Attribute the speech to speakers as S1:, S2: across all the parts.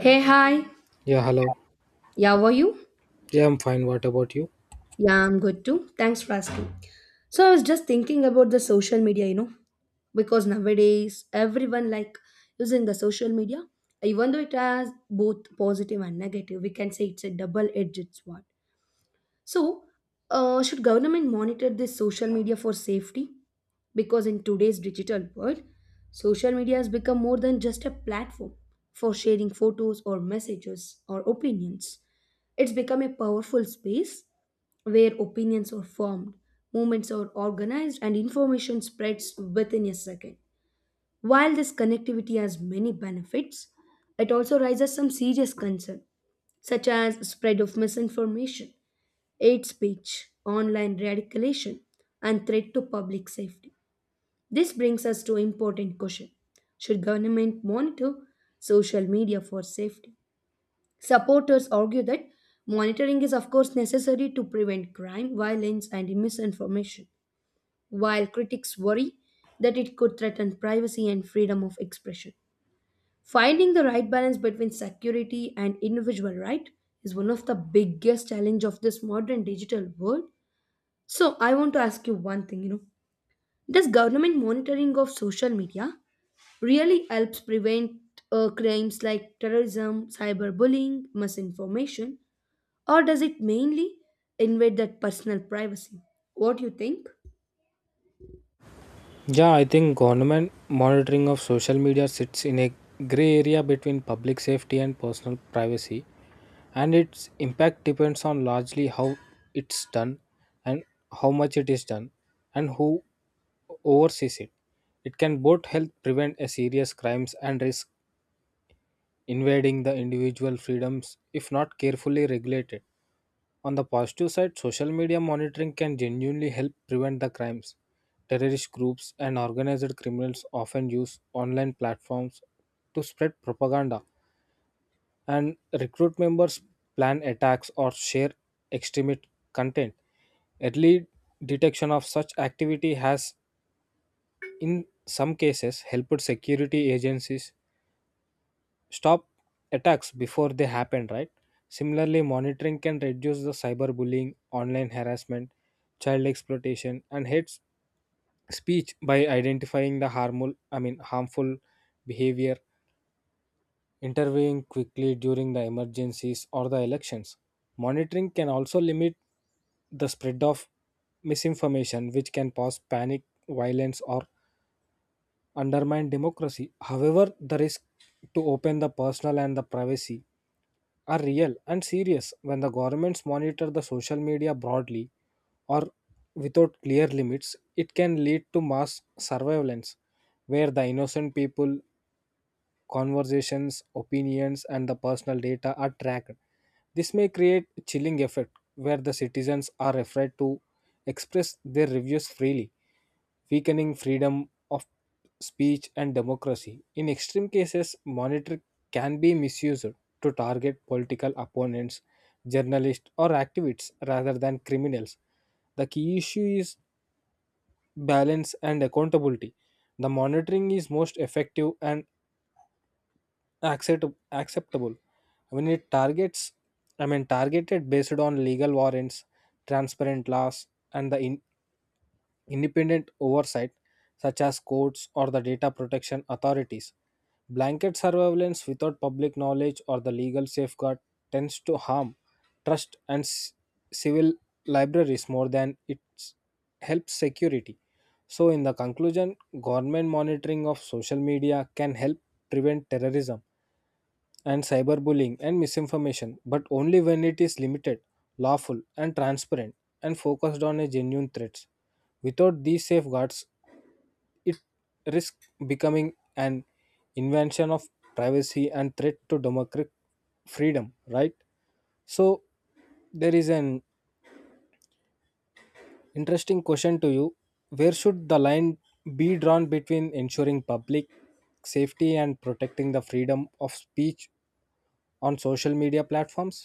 S1: Hey, hi.
S2: Yeah, hello.
S1: Yeah, how are you?
S2: Yeah, I'm fine. What about you?
S1: Yeah, I'm good too. Thanks for asking. So I was just thinking about the social media, you know, because nowadays everyone like using the social media, even though it has both positive and negative, we can say it's a double-edged sword. So, should government monitor this social media for safety? Because in today's digital world, social media has become more than just a platform for sharing photos or messages or opinions. It's become a powerful space where opinions are formed, movements are organized, and information spreads within a second. While this connectivity has many benefits, it also raises some serious concern, such as spread of misinformation hate speech, online radicalization, and threat to public safety. This brings us to important question. Should government monitor social media for safety? Supporters argue that monitoring is of course necessary to prevent crime, violence, and misinformation, while critics worry that it could threaten privacy and freedom of expression. Finding the right balance between security and individual right is one of the biggest challenge of this modern digital world so I want to ask you one thing, you know, does government monitoring of social media really helps prevent crimes like terrorism, cyberbullying, misinformation, or does it mainly invade that personal privacy? What do you think?
S2: Yeah, I think government monitoring of social media sits in a gray area between public safety and personal privacy, and its impact depends on largely how it's done, and how much it is done, and who oversees it. It can both help prevent a serious crimes and risk invading the individual freedoms if not carefully regulated. On the positive side, social media monitoring can genuinely help prevent the crimes. Terrorist groups and organized criminals often use online platforms to spread propaganda and recruit members, plan attacks, or share extremist content. Early detection of such activity has, in some cases, helped security agencies stop attacks before they happen, right? Similarly, monitoring can reduce the cyberbullying, online harassment, child exploitation, and hate speech by identifying the harmful I mean harmful behavior, intervening quickly during the emergencies or the elections. Monitoring can also limit the spread of misinformation, which can cause panic, violence, or undermine democracy. However, the risk to open the personal and the privacy are real and serious. When the governments monitor the social media broadly or without clear limits, it can lead to mass surveillance where the innocent people conversations, opinions, and the personal data are tracked. This may create a chilling effect where the citizens are afraid to express their reviews freely, weakening freedom of speech and democracy. In extreme cases, monitoring can be misused to target political opponents, journalists, or activists rather than criminals. The key issue is balance and accountability. The monitoring is most effective and accept, acceptable when it targets I mean targeted based on legal warrants, transparent laws, and the independent oversight such as courts or the data protection authorities. Blanket surveillance without public knowledge or the legal safeguard tends to harm trust and civil libraries more than it helps security. So, in the conclusion, government monitoring of social media can help prevent terrorism and cyberbullying and misinformation, but only when it is limited, lawful, and transparent, and focused on a genuine threat. Without these safeguards, it risks becoming an invention of privacy and threat to democratic freedom, right? So, there is an interesting question to you. Where should the line be drawn between ensuring public safety and protecting the freedom of speech on social media platforms?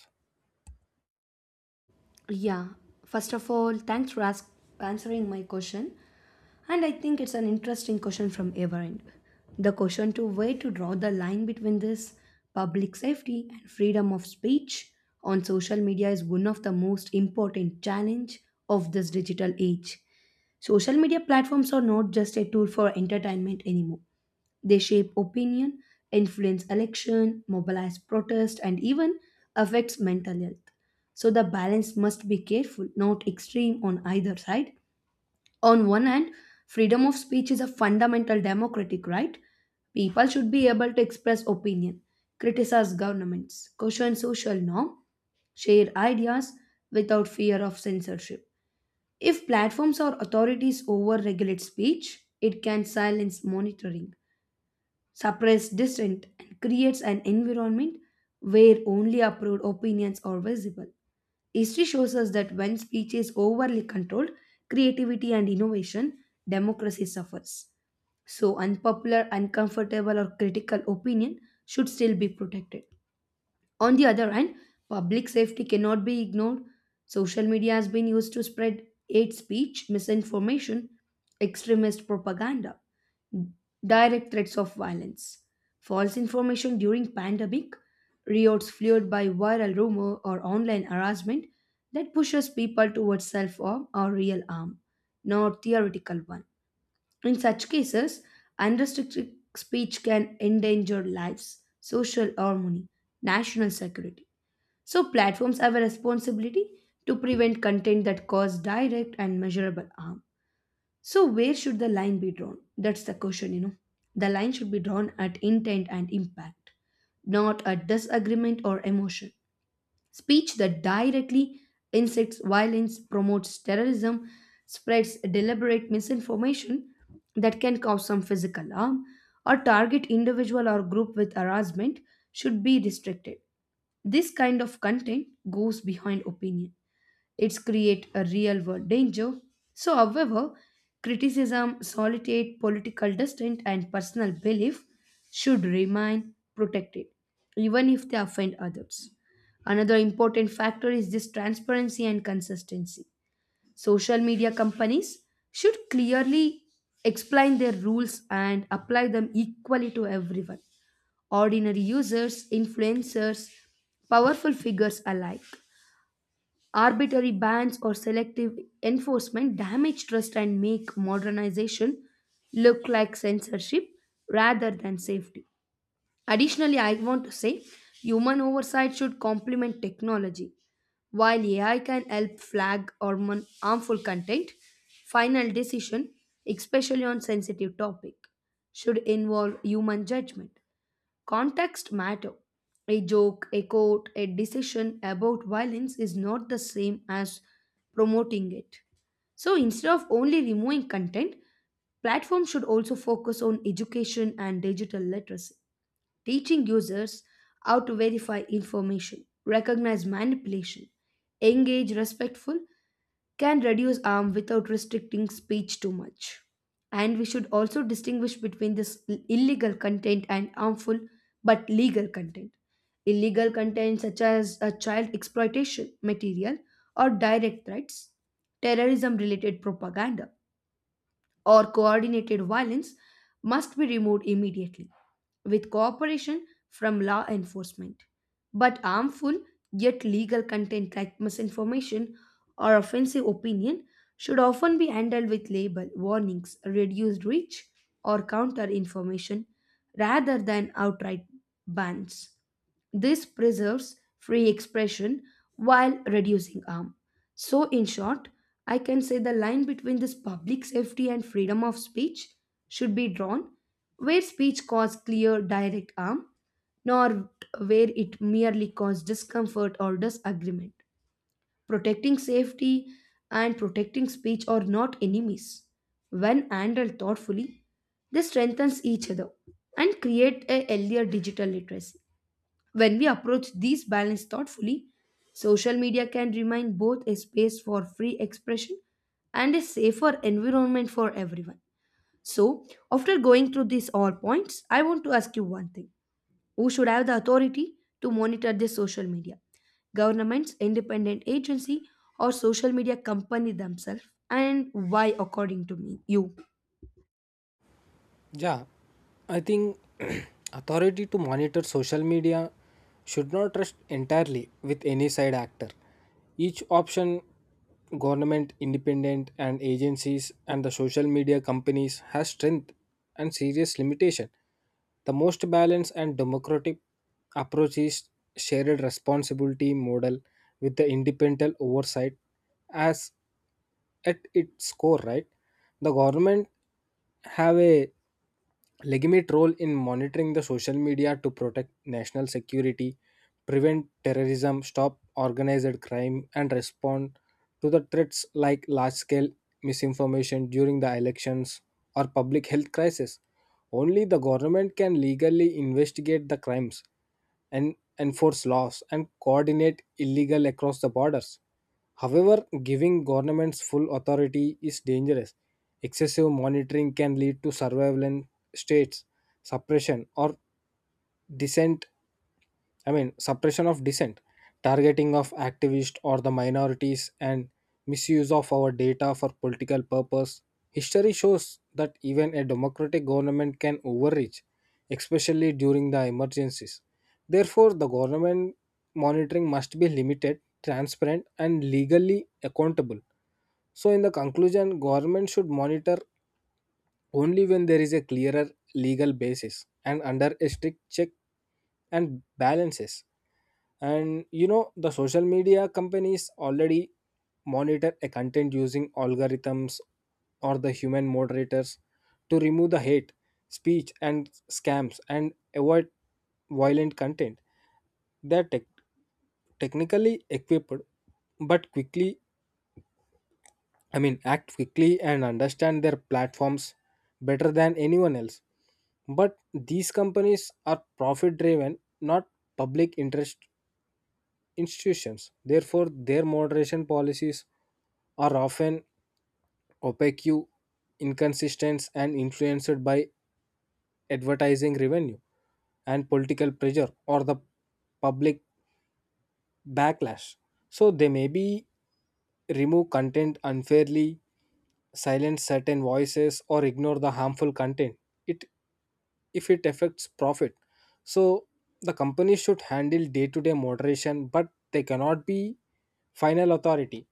S1: Yeah, first of all, answering my question. And I think it's an interesting question from our end. The question to where to draw the line between this public safety and freedom of speech on social media is one of the most important challenge of this digital age. Social media platforms are not just a tool for entertainment anymore. They shape opinion, influence election, mobilize protest, and even affects mental health. So the balance must be careful, not extreme on either side. On one hand, freedom of speech is a fundamental democratic right. People should be able to express opinion, criticize governments, question social norm, share ideas without fear of censorship. If platforms or authorities overregulate speech, it can silence monitoring. Suppress dissent, and creates an environment where only approved opinions are visible. History shows us that when speech is overly controlled, creativity and innovation, democracy suffers. So, unpopular, uncomfortable, or critical opinion should still be protected. On the other hand, public safety cannot be ignored. Social media has been used to spread hate speech, misinformation, extremist propaganda direct threats of violence, false information during pandemic, riots fueled by viral rumor or online harassment that pushes people towards self-harm or real harm, not theoretical one. In such cases, unrestricted speech can endanger lives, social harmony, national security. So platforms have a responsibility to prevent content that cause direct and measurable harm so, where should the line be drawn? That's the question, you know. The line should be drawn at intent and impact, not at disagreement or emotion. Speech that directly incites violence, promotes terrorism, spreads deliberate misinformation that can cause some physical harm, or target individual or group with harassment should be restricted. This kind of content goes behind opinion it's create a real world danger. So, however, criticism, solitude, political dissent, and personal belief should remain protected, even if they offend others. Another important factor is this transparency and consistency. Social media companies should clearly explain their rules and apply them equally to everyone ordinary users, influencers, powerful figures alike. Arbitrary bans or selective enforcement damage trust and make modernization look like censorship rather than safety. Additionally, I want to say human oversight should complement technology. While AI can help harmful content, final decision, especially on sensitive topic, should involve human judgment. Context matter. A joke, a quote, a decision about violence is not the same as promoting it. So instead of only removing content, platforms should also focus on education and digital literacy teaching users how to verify information, recognize manipulation, engage respectful, can reduce harm without restricting speech too much. And we should also distinguish between this illegal content and harmful but legal content. Illegal content such as a child exploitation material or direct threats, terrorism related propaganda or coordinated violence must be removed immediately with cooperation from law enforcement. But harmful yet legal content like misinformation or offensive opinion should often be handled with label warnings, reduced reach, or counter information rather than outright bans. This preserves free expression while reducing harm. So, in short, I can say the line between this public safety and freedom of speech should be drawn where speech causes clear direct harm, nor where it merely causes discomfort or disagreement. Protecting safety and protecting speech are not enemies. When handled thoughtfully, they strengthens each other and create a healthier digital literacy. When we approach these balance thoughtfully, social media can remain both a space for free expression and a safer environment for everyone. So, after going through these all points, I want to ask you one thing. Who should have the authority to monitor this social media? Governments, independent agency, or social media company themselves? And why according to me you?
S2: Yeah, I think authority to monitor social media should not rest entirely with any side actor. Each option, government, independent, and agencies, and the social media companies, has strength and serious limitation. The most balanced and democratic approach is shared responsibility model with the independent oversight as at its core, right? The government have a legitimate role in monitoring the social media to protect national security, prevent terrorism, stop organized crime, and respond to the threats like large scale misinformation during the elections or public health crisis. Only the government can legally investigate the crimes and enforce laws and coordinate illegal across the borders. However, giving governments full authority is dangerous. Excessive monitoring can lead to surveillance states, suppression, or dissent suppression of dissent, targeting of activists or the minorities, and misuse of our data for political purpose. History shows that even a democratic government can overreach, especially during the emergencies. Therefore, the government monitoring must be limited, transparent, and legally accountable. So, in the conclusion, government should monitor only when there is a clearer legal basis and under a strict check and balances. And you know, the social media companies already monitor a content using algorithms or the human moderators to remove the hate speech and scams and avoid violent content. They're technically equipped but quickly I mean act quickly and understand their platforms better than anyone else, but these companies are profit driven, not public interest institutions. Therefore, their moderation policies are often opaque, inconsistent, and influenced by advertising revenue and political pressure or the public backlash. So they may be remove content unfairly, silence certain voices, or ignore the harmful content. It if it affects profit. So the company should handle day-to-day moderation, but they cannot be final authority.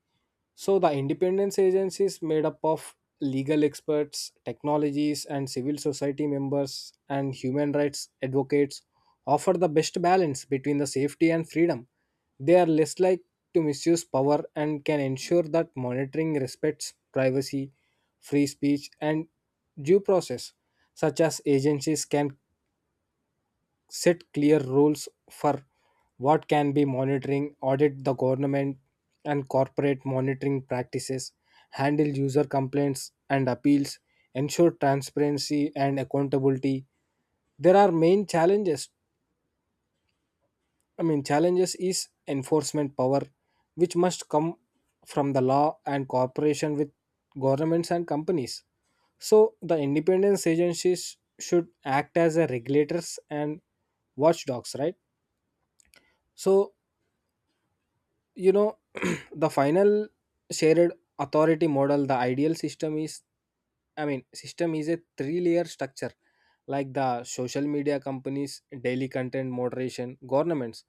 S2: So, the independence agency is made up of legal experts, technologies, and civil society members and human rights advocates offer the best balance between the safety and freedom. They are less likely to misuse power and can ensure that monitoring respects privacy, free speech, and due process. Such as agencies can set clear rules for what can be monitoring, audit the government and corporate monitoring practices, handle user complaints and appeals, ensure transparency and accountability. There are main challenges is enforcement power, which must come from the law and cooperation with governments and companies. So, the independence agencies should act as a regulators and watchdogs, right? So, you know, the final shared authority model, the ideal system is a three layer structure like the social media companies daily content moderation, governments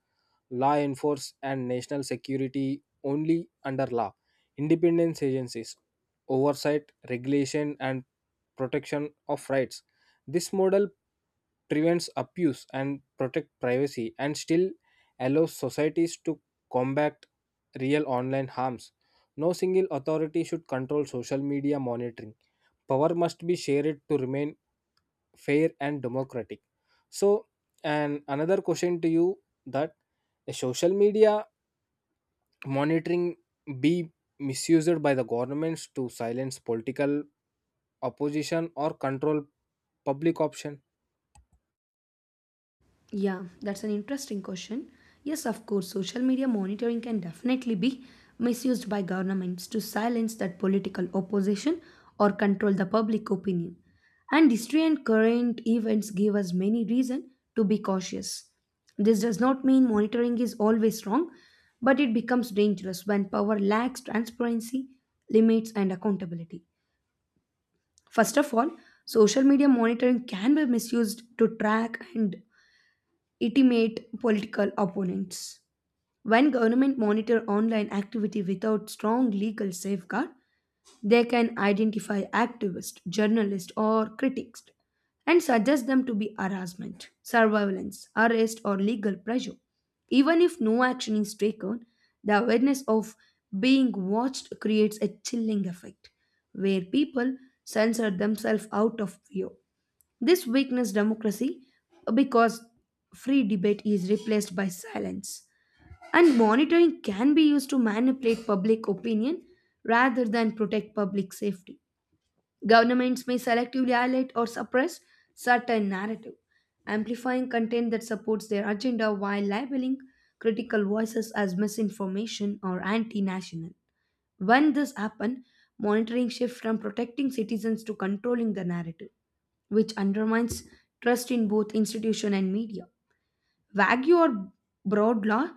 S2: law enforce and national security only under law. Independence agencies, oversight, regulation, and protection of rights. This model prevents abuse and protect privacy and still allows societies to combat real online harms. No single authority should control social media monitoring. Power must be shared to remain fair and democratic. So, and another question to you, that the social media monitoring be misused by the governments to silence political opposition or control public option?
S1: Yeah, that's an interesting question. Yes, of course, social media monitoring can definitely be misused by governments to silence that political opposition or control the public opinion. And history and current events give us many reason to be cautious. This does not mean monitoring is always wrong, but it becomes dangerous when power lacks transparency, limits, and accountability. First of all, social media monitoring can be misused to track and intimidate political opponents. When government monitor online activity without strong legal safeguard, they can identify activists, journalists, or critics and suggest them to be harassment, surveillance, arrest, or legal pressure. Even if no action is taken, the awareness of being watched creates a chilling effect where people censor themselves out of fear. This weakens democracy because free debate is replaced by silence. And monitoring can be used to manipulate public opinion rather than protect public safety. Governments may selectively highlight or suppress certain narrative, amplifying content that supports their agenda while labeling critical voices as misinformation or anti national. When this happened, monitoring shifts from protecting citizens to controlling the narrative, which undermines trust in both institution and media. Vague or broad law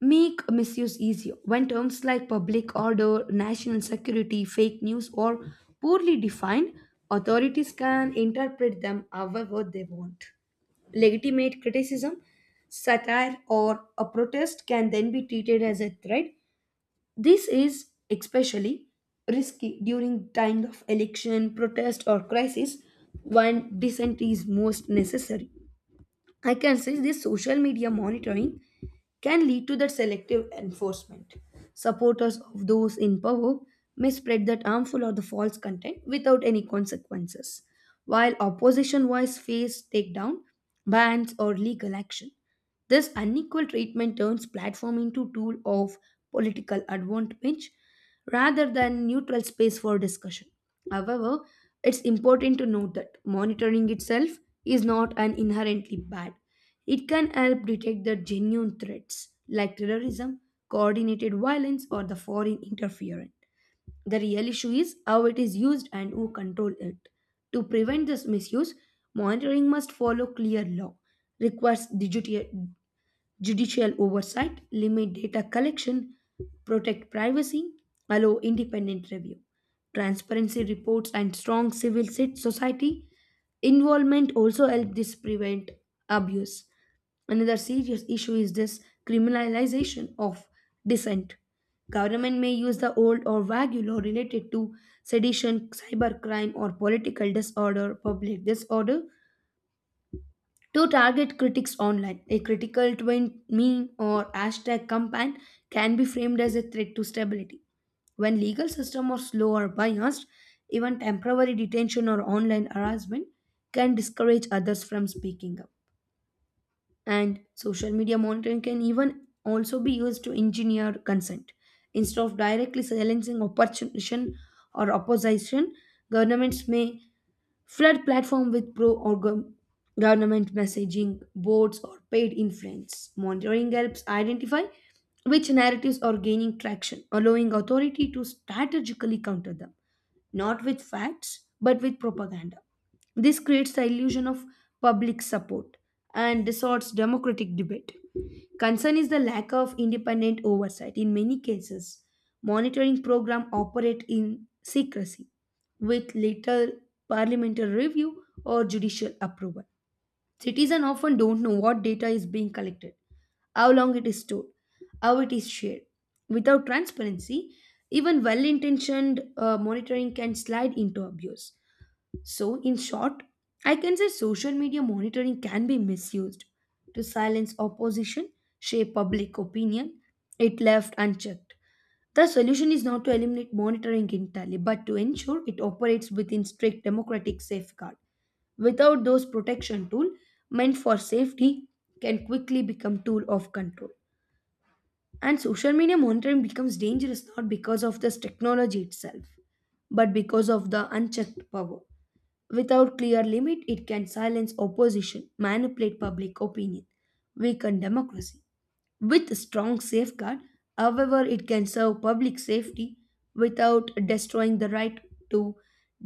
S1: make misuse easier when terms like public order, national security, fake news, or poorly defined, authorities can interpret them however they want. Legitimate criticism, satire, or a protest can then be treated as a threat this is especially risky during times of election, protest, or crisis when dissent is most necessary. I can say this social media monitoring can lead to that selective enforcement. Supporters of those in power may spread that harmful or the false content without any consequences, while opposition voice face takedown, bans, or legal action. This unequal treatment turns platform into tool of political advantage rather than neutral space for discussion. However, it's important to note that monitoring itself is not an inherently bad. It can help detect the genuine threats like terrorism, coordinated violence, or the foreign interference. The real issue is how it is used and who control it. To prevent this misuse, monitoring must follow clear law, requires judicial oversight, limit data collection, protect privacy, allow independent review. Transparency reports and strong society involvement also help this prevent abuse. Another serious issue is this criminalization of dissent. Government may use the old or vague law related to sedition, cybercrime, or political disorder, public disorder to target critics online, a critical twin meme or hashtag campaign can be framed as a threat to stability. When legal system are slow or biased, even temporary detention or online harassment can discourage others from speaking up. And social media monitoring can even also be used to engineer consent. Instead of directly silencing opposition or opposition, governments may flood platform with government messaging boards or paid influence. Monitoring helps identify which narratives are gaining traction, allowing authority to strategically counter them, not with facts but with propaganda. This creates the illusion of public support and distorts democratic debate. Concern is the lack of independent oversight. In many cases, monitoring programs operate in secrecy with little parliamentary review, or judicial approval. Citizens often don't know what data is being collected, how long it is stored, how it is shared. Without transparency, even well intentioned monitoring can slide into abuse. So, in short, I can say social media monitoring can be misused to silence opposition, shape public opinion, it left unchecked. The solution is not to eliminate monitoring entirely, but to ensure it operates within strict democratic safeguard. Without those protection tool meant for safety can quickly become tool of control. And social media monitoring becomes dangerous not because of this technology itself, but because of the unchecked power. Without clear limit, it can silence opposition, manipulate public opinion, weaken democracy. With a strong safeguard, however, it can serve public safety without destroying the right to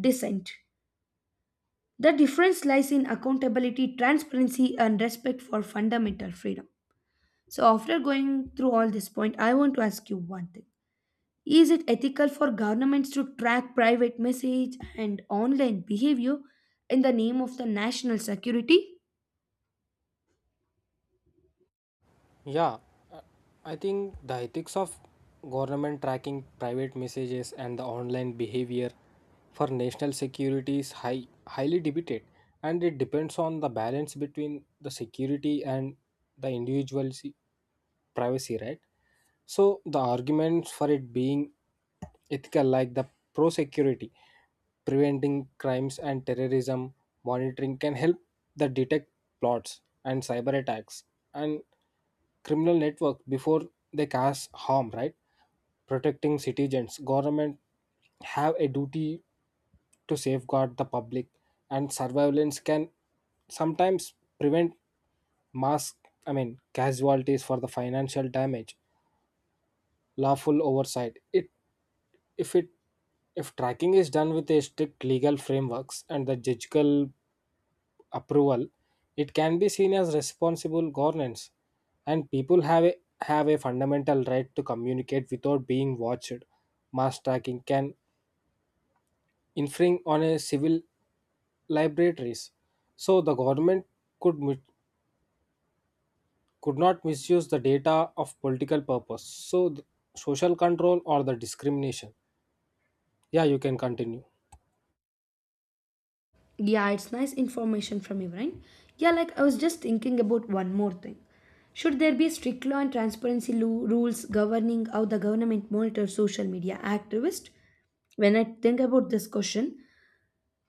S1: dissent. The difference lies in accountability, transparency, and respect for fundamental freedom. So, after going through all this point, I want to ask you one thing. Is it ethical for governments to track private message and online behavior in the name of the national security?
S2: Yeah, uh, I think the ethics of government tracking private messages and the online behavior for national security is highly debated, and it depends on the balance between the security and the individual's privacy, right? So, the arguments for it being ethical, like the pro security, preventing crimes and terrorism monitoring, can help the detect plots and cyber attacks and criminal network before they cause harm. Right, protecting citizens, government have a duty to safeguard the public, and surveillance can sometimes prevent mass. Casualties for the financial damage. Lawful oversight. It if tracking is done with a strict legal frameworks and the judicial approval, it can be seen as responsible governance, and people have a fundamental right to communicate without being watched. Mass tracking can infringe on a civil libraries, so the government could mi- could not misuse the data of political purpose. So, the social control or the discrimination. Yeah, you can continue.
S1: Yeah, it's nice information from you, right? Yeah, like I was just thinking about one more thing. Should there be strict law and transparency rules governing how the government monitors social media activists? When I think about this question,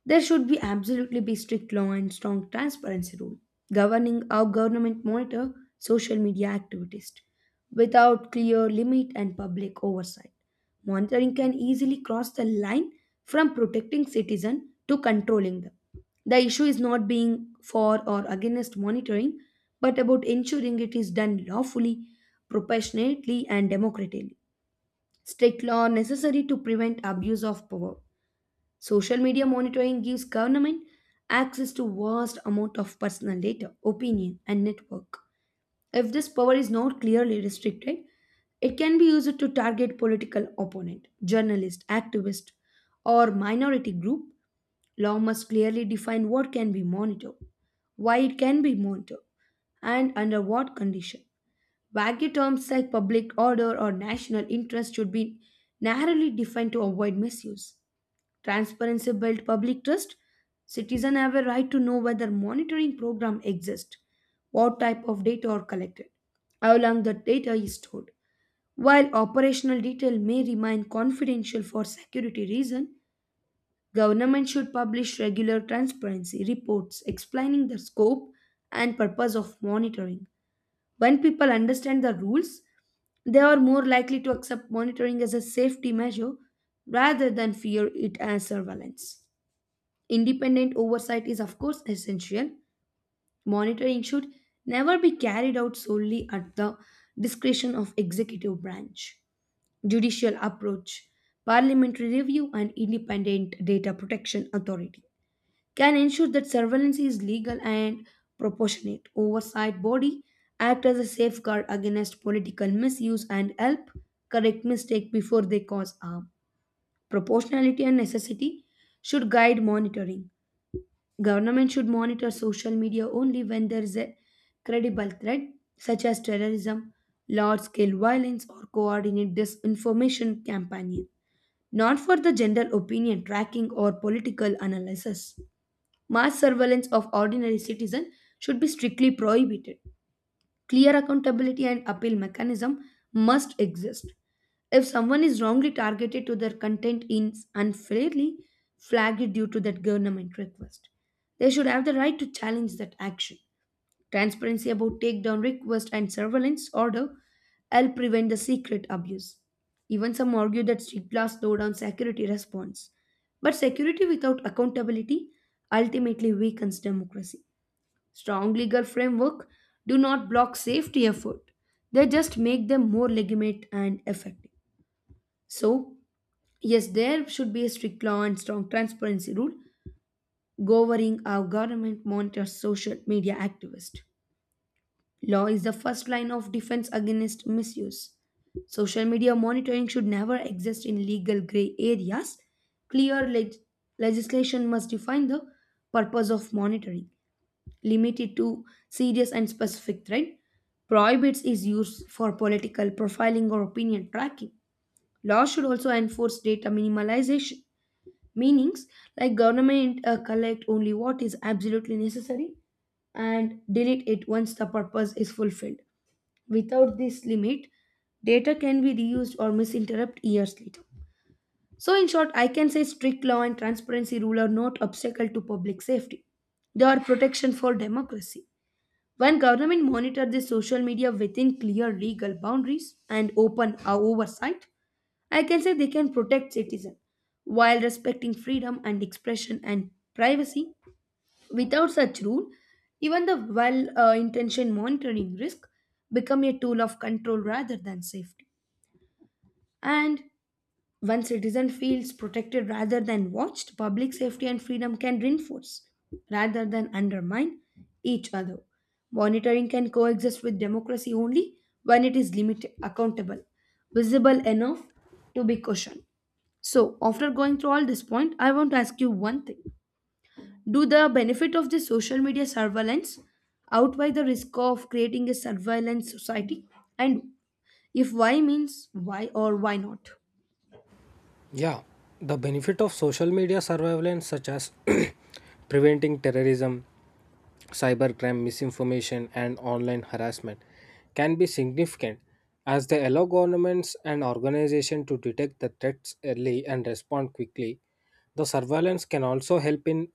S1: there should be absolutely be strict law and strong transparency rule governing how government monitor social media activities without clear limit and public oversight. Monitoring can easily cross the line from protecting citizens to controlling them. The issue is not being for or against monitoring, but about ensuring it is done lawfully, proportionately, and democratically. Strict law necessary to prevent abuse of power. Social media monitoring gives government access to vast amount of personal data, opinion, and network. If this power is not clearly restricted, it can be used to target political opponent, journalist, activist, or minority group. Law must clearly define what can be monitored, why it can be monitored, and under what condition. Vague terms like public order or national interest should be narrowly defined to avoid misuse. Transparency builds public trust. Citizens have a right to know whether monitoring programs exist, what type of data are collected, how long the data is stored. While operational detail may remain confidential for security reasons, government should publish regular transparency reports explaining the scope and purpose of monitoring. When people understand the rules, they are more likely to accept monitoring as a safety measure rather than fear it as surveillance. Independent oversight is, of course, essential. Monitoring should never be carried out solely at the discretion of executive branch. Judicial approach, parliamentary review, and independent data protection authority can ensure that surveillance is legal and proportionate. Oversight body act as a safeguard against political misuse and help correct mistake before they cause harm. Proportionality and necessity should guide monitoring. Government should monitor social media only when there is a credible threat such as terrorism, large scale violence, or coordinate disinformation campaign, not for the general opinion tracking or political analysis. Mass surveillance of ordinary citizens should be strictly prohibited. Clear accountability and appeal mechanism must exist. If someone is wrongly targeted to their content is unfairly flagged due to that government request, they should have the right to challenge that action. Transparency about takedown request and surveillance order help prevent the secret abuse. Even some argue that street blasts slow down security response. But security without accountability ultimately weakens democracy. Strong legal framework do not block safety effort. They just make them more legitimate and effective. So, yes, there should be a strict law and strong transparency rule governing how government monitors social media activists. Law is the first line of defense against misuse. Social media monitoring should never exist in legal gray areas. Clear leg- Legislation must define the purpose of monitoring, limited to serious and specific threat. Prohibits is used for political profiling or opinion tracking. Law should also enforce data minimalization, meanings like government collect only what is absolutely necessary and delete it once the purpose is fulfilled. Without this limit, data can be reused or misinterpreted years later. So, in short, I can say strict law and transparency rule are not obstacle to public safety. They are protection for democracy. When government monitor the social media within clear legal boundaries and open oversight, I can say they can protect citizens while respecting freedom and expression and privacy. Without such rule, even the well-intentioned monitoring risk become a tool of control rather than safety. And when citizen feels protected rather than watched, public safety and freedom can reinforce rather than undermine each other. Monitoring can coexist with democracy only when it is limited, accountable, visible enough to be questioned. So, after going through all this point, I want to ask you one thing. Do the benefit of the social media surveillance outweigh the risk of creating a surveillance society? And if why means why or why not?
S2: Yeah, the benefit of social media surveillance, such as preventing terrorism, cybercrime, misinformation, and online harassment, can be significant, as they allow governments and organizations to detect the threats early and respond quickly. The surveillance can also help in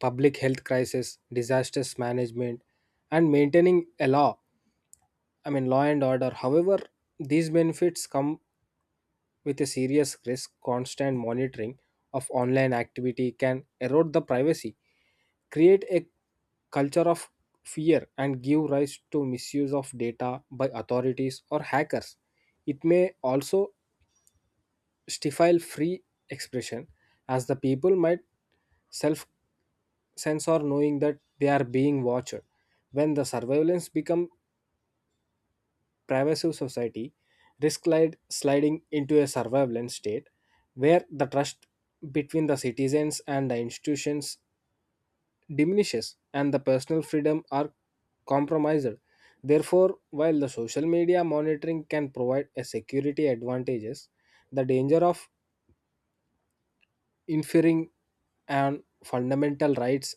S2: public health crisis, disasters management, and maintaining a law. I mean, law and order. However, these benefits come with a serious risk. Constant monitoring of online activity can erode the privacy, create a culture of fear, and give rise to misuse of data by authorities or hackers. It may also stifle free expression, as the people might self censor, knowing that they are being watched. When the surveillance become pervasive, society risk sliding into a surveillance state where the trust between the citizens and the institutions diminishes and the personal freedom are compromised. Therefore, while the social media monitoring can provide a security advantages, the danger of inferring on fundamental rights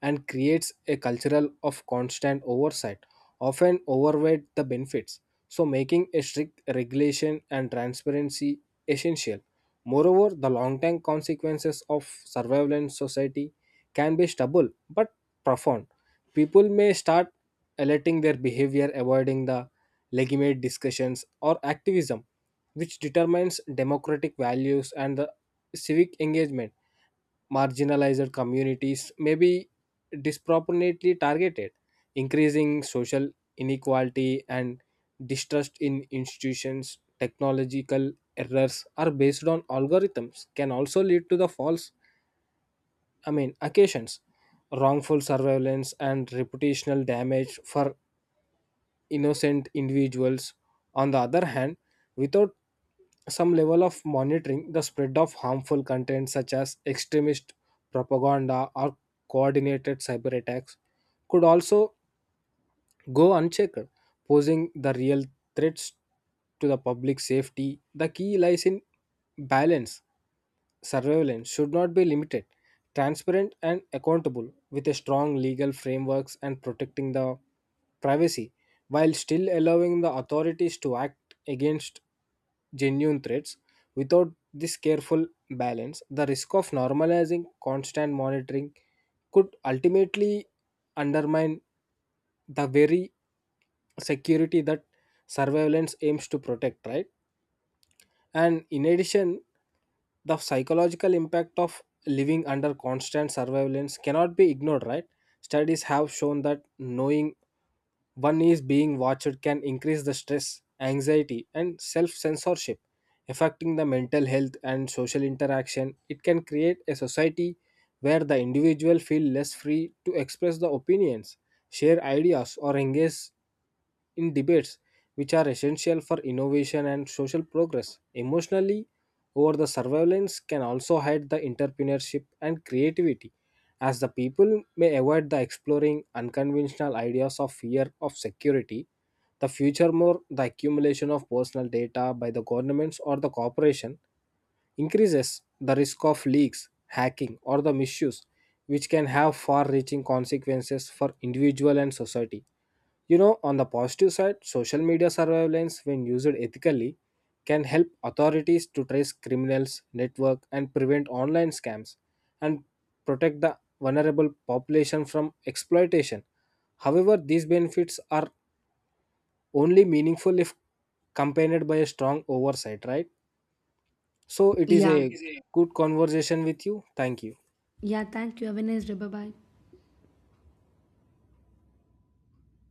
S2: and creates a cultural of constant oversight, often overweight the benefits. So making a strict regulation and transparency essential. Moreover, the long-term consequences of surveillance society can be stubble but profound. People may start alerting their behavior, avoiding the legitimate discussions or activism, which determines democratic values and the civic engagement. Marginalized communities may be disproportionately targeted, increasing social inequality and distrust in institutions. Technological errors are based on algorithms can also lead to the occasions, wrongful surveillance, and reputational damage for innocent individuals. On the other hand, without some level of monitoring, the spread of harmful content such as extremist propaganda or coordinated cyber attacks could also go unchecked, posing the real threats to the public safety. The key lies in balance. Surveillance should not be limited, transparent and accountable, with a strong legal frameworks and protecting the privacy, while still allowing the authorities to act against genuine threats. Without this careful balance, the risk of normalizing constant monitoring could ultimately undermine the very security that surveillance aims to protect, right? And in addition, the psychological impact of living under constant surveillance cannot be ignored, right? Studies have shown that knowing one is being watched can increase the stress, anxiety, and self censorship, affecting the mental health and social interaction. It can create a society where the individual feel less free to express the opinions, share ideas, or engage in debates, which are essential for innovation and social progress. Emotionally, over the surveillance can also hide the entrepreneurship and creativity, as the people may avoid the exploring unconventional ideas of fear of security the future. More, the accumulation of personal data by the governments or the corporation increases the risk of leaks, hacking, or the misuse, which can have far reaching consequences for individual and society. You know, on the positive side, social media surveillance, when used ethically, can help authorities to trace criminals, network, and prevent online scams and protect the vulnerable population from exploitation. However, these benefits are only meaningful if accompanied by a strong oversight, right? So, it is
S1: Yeah.
S2: a good conversation with you. Thank you.
S1: Yeah, thank you. Have a nice day. Bye bye.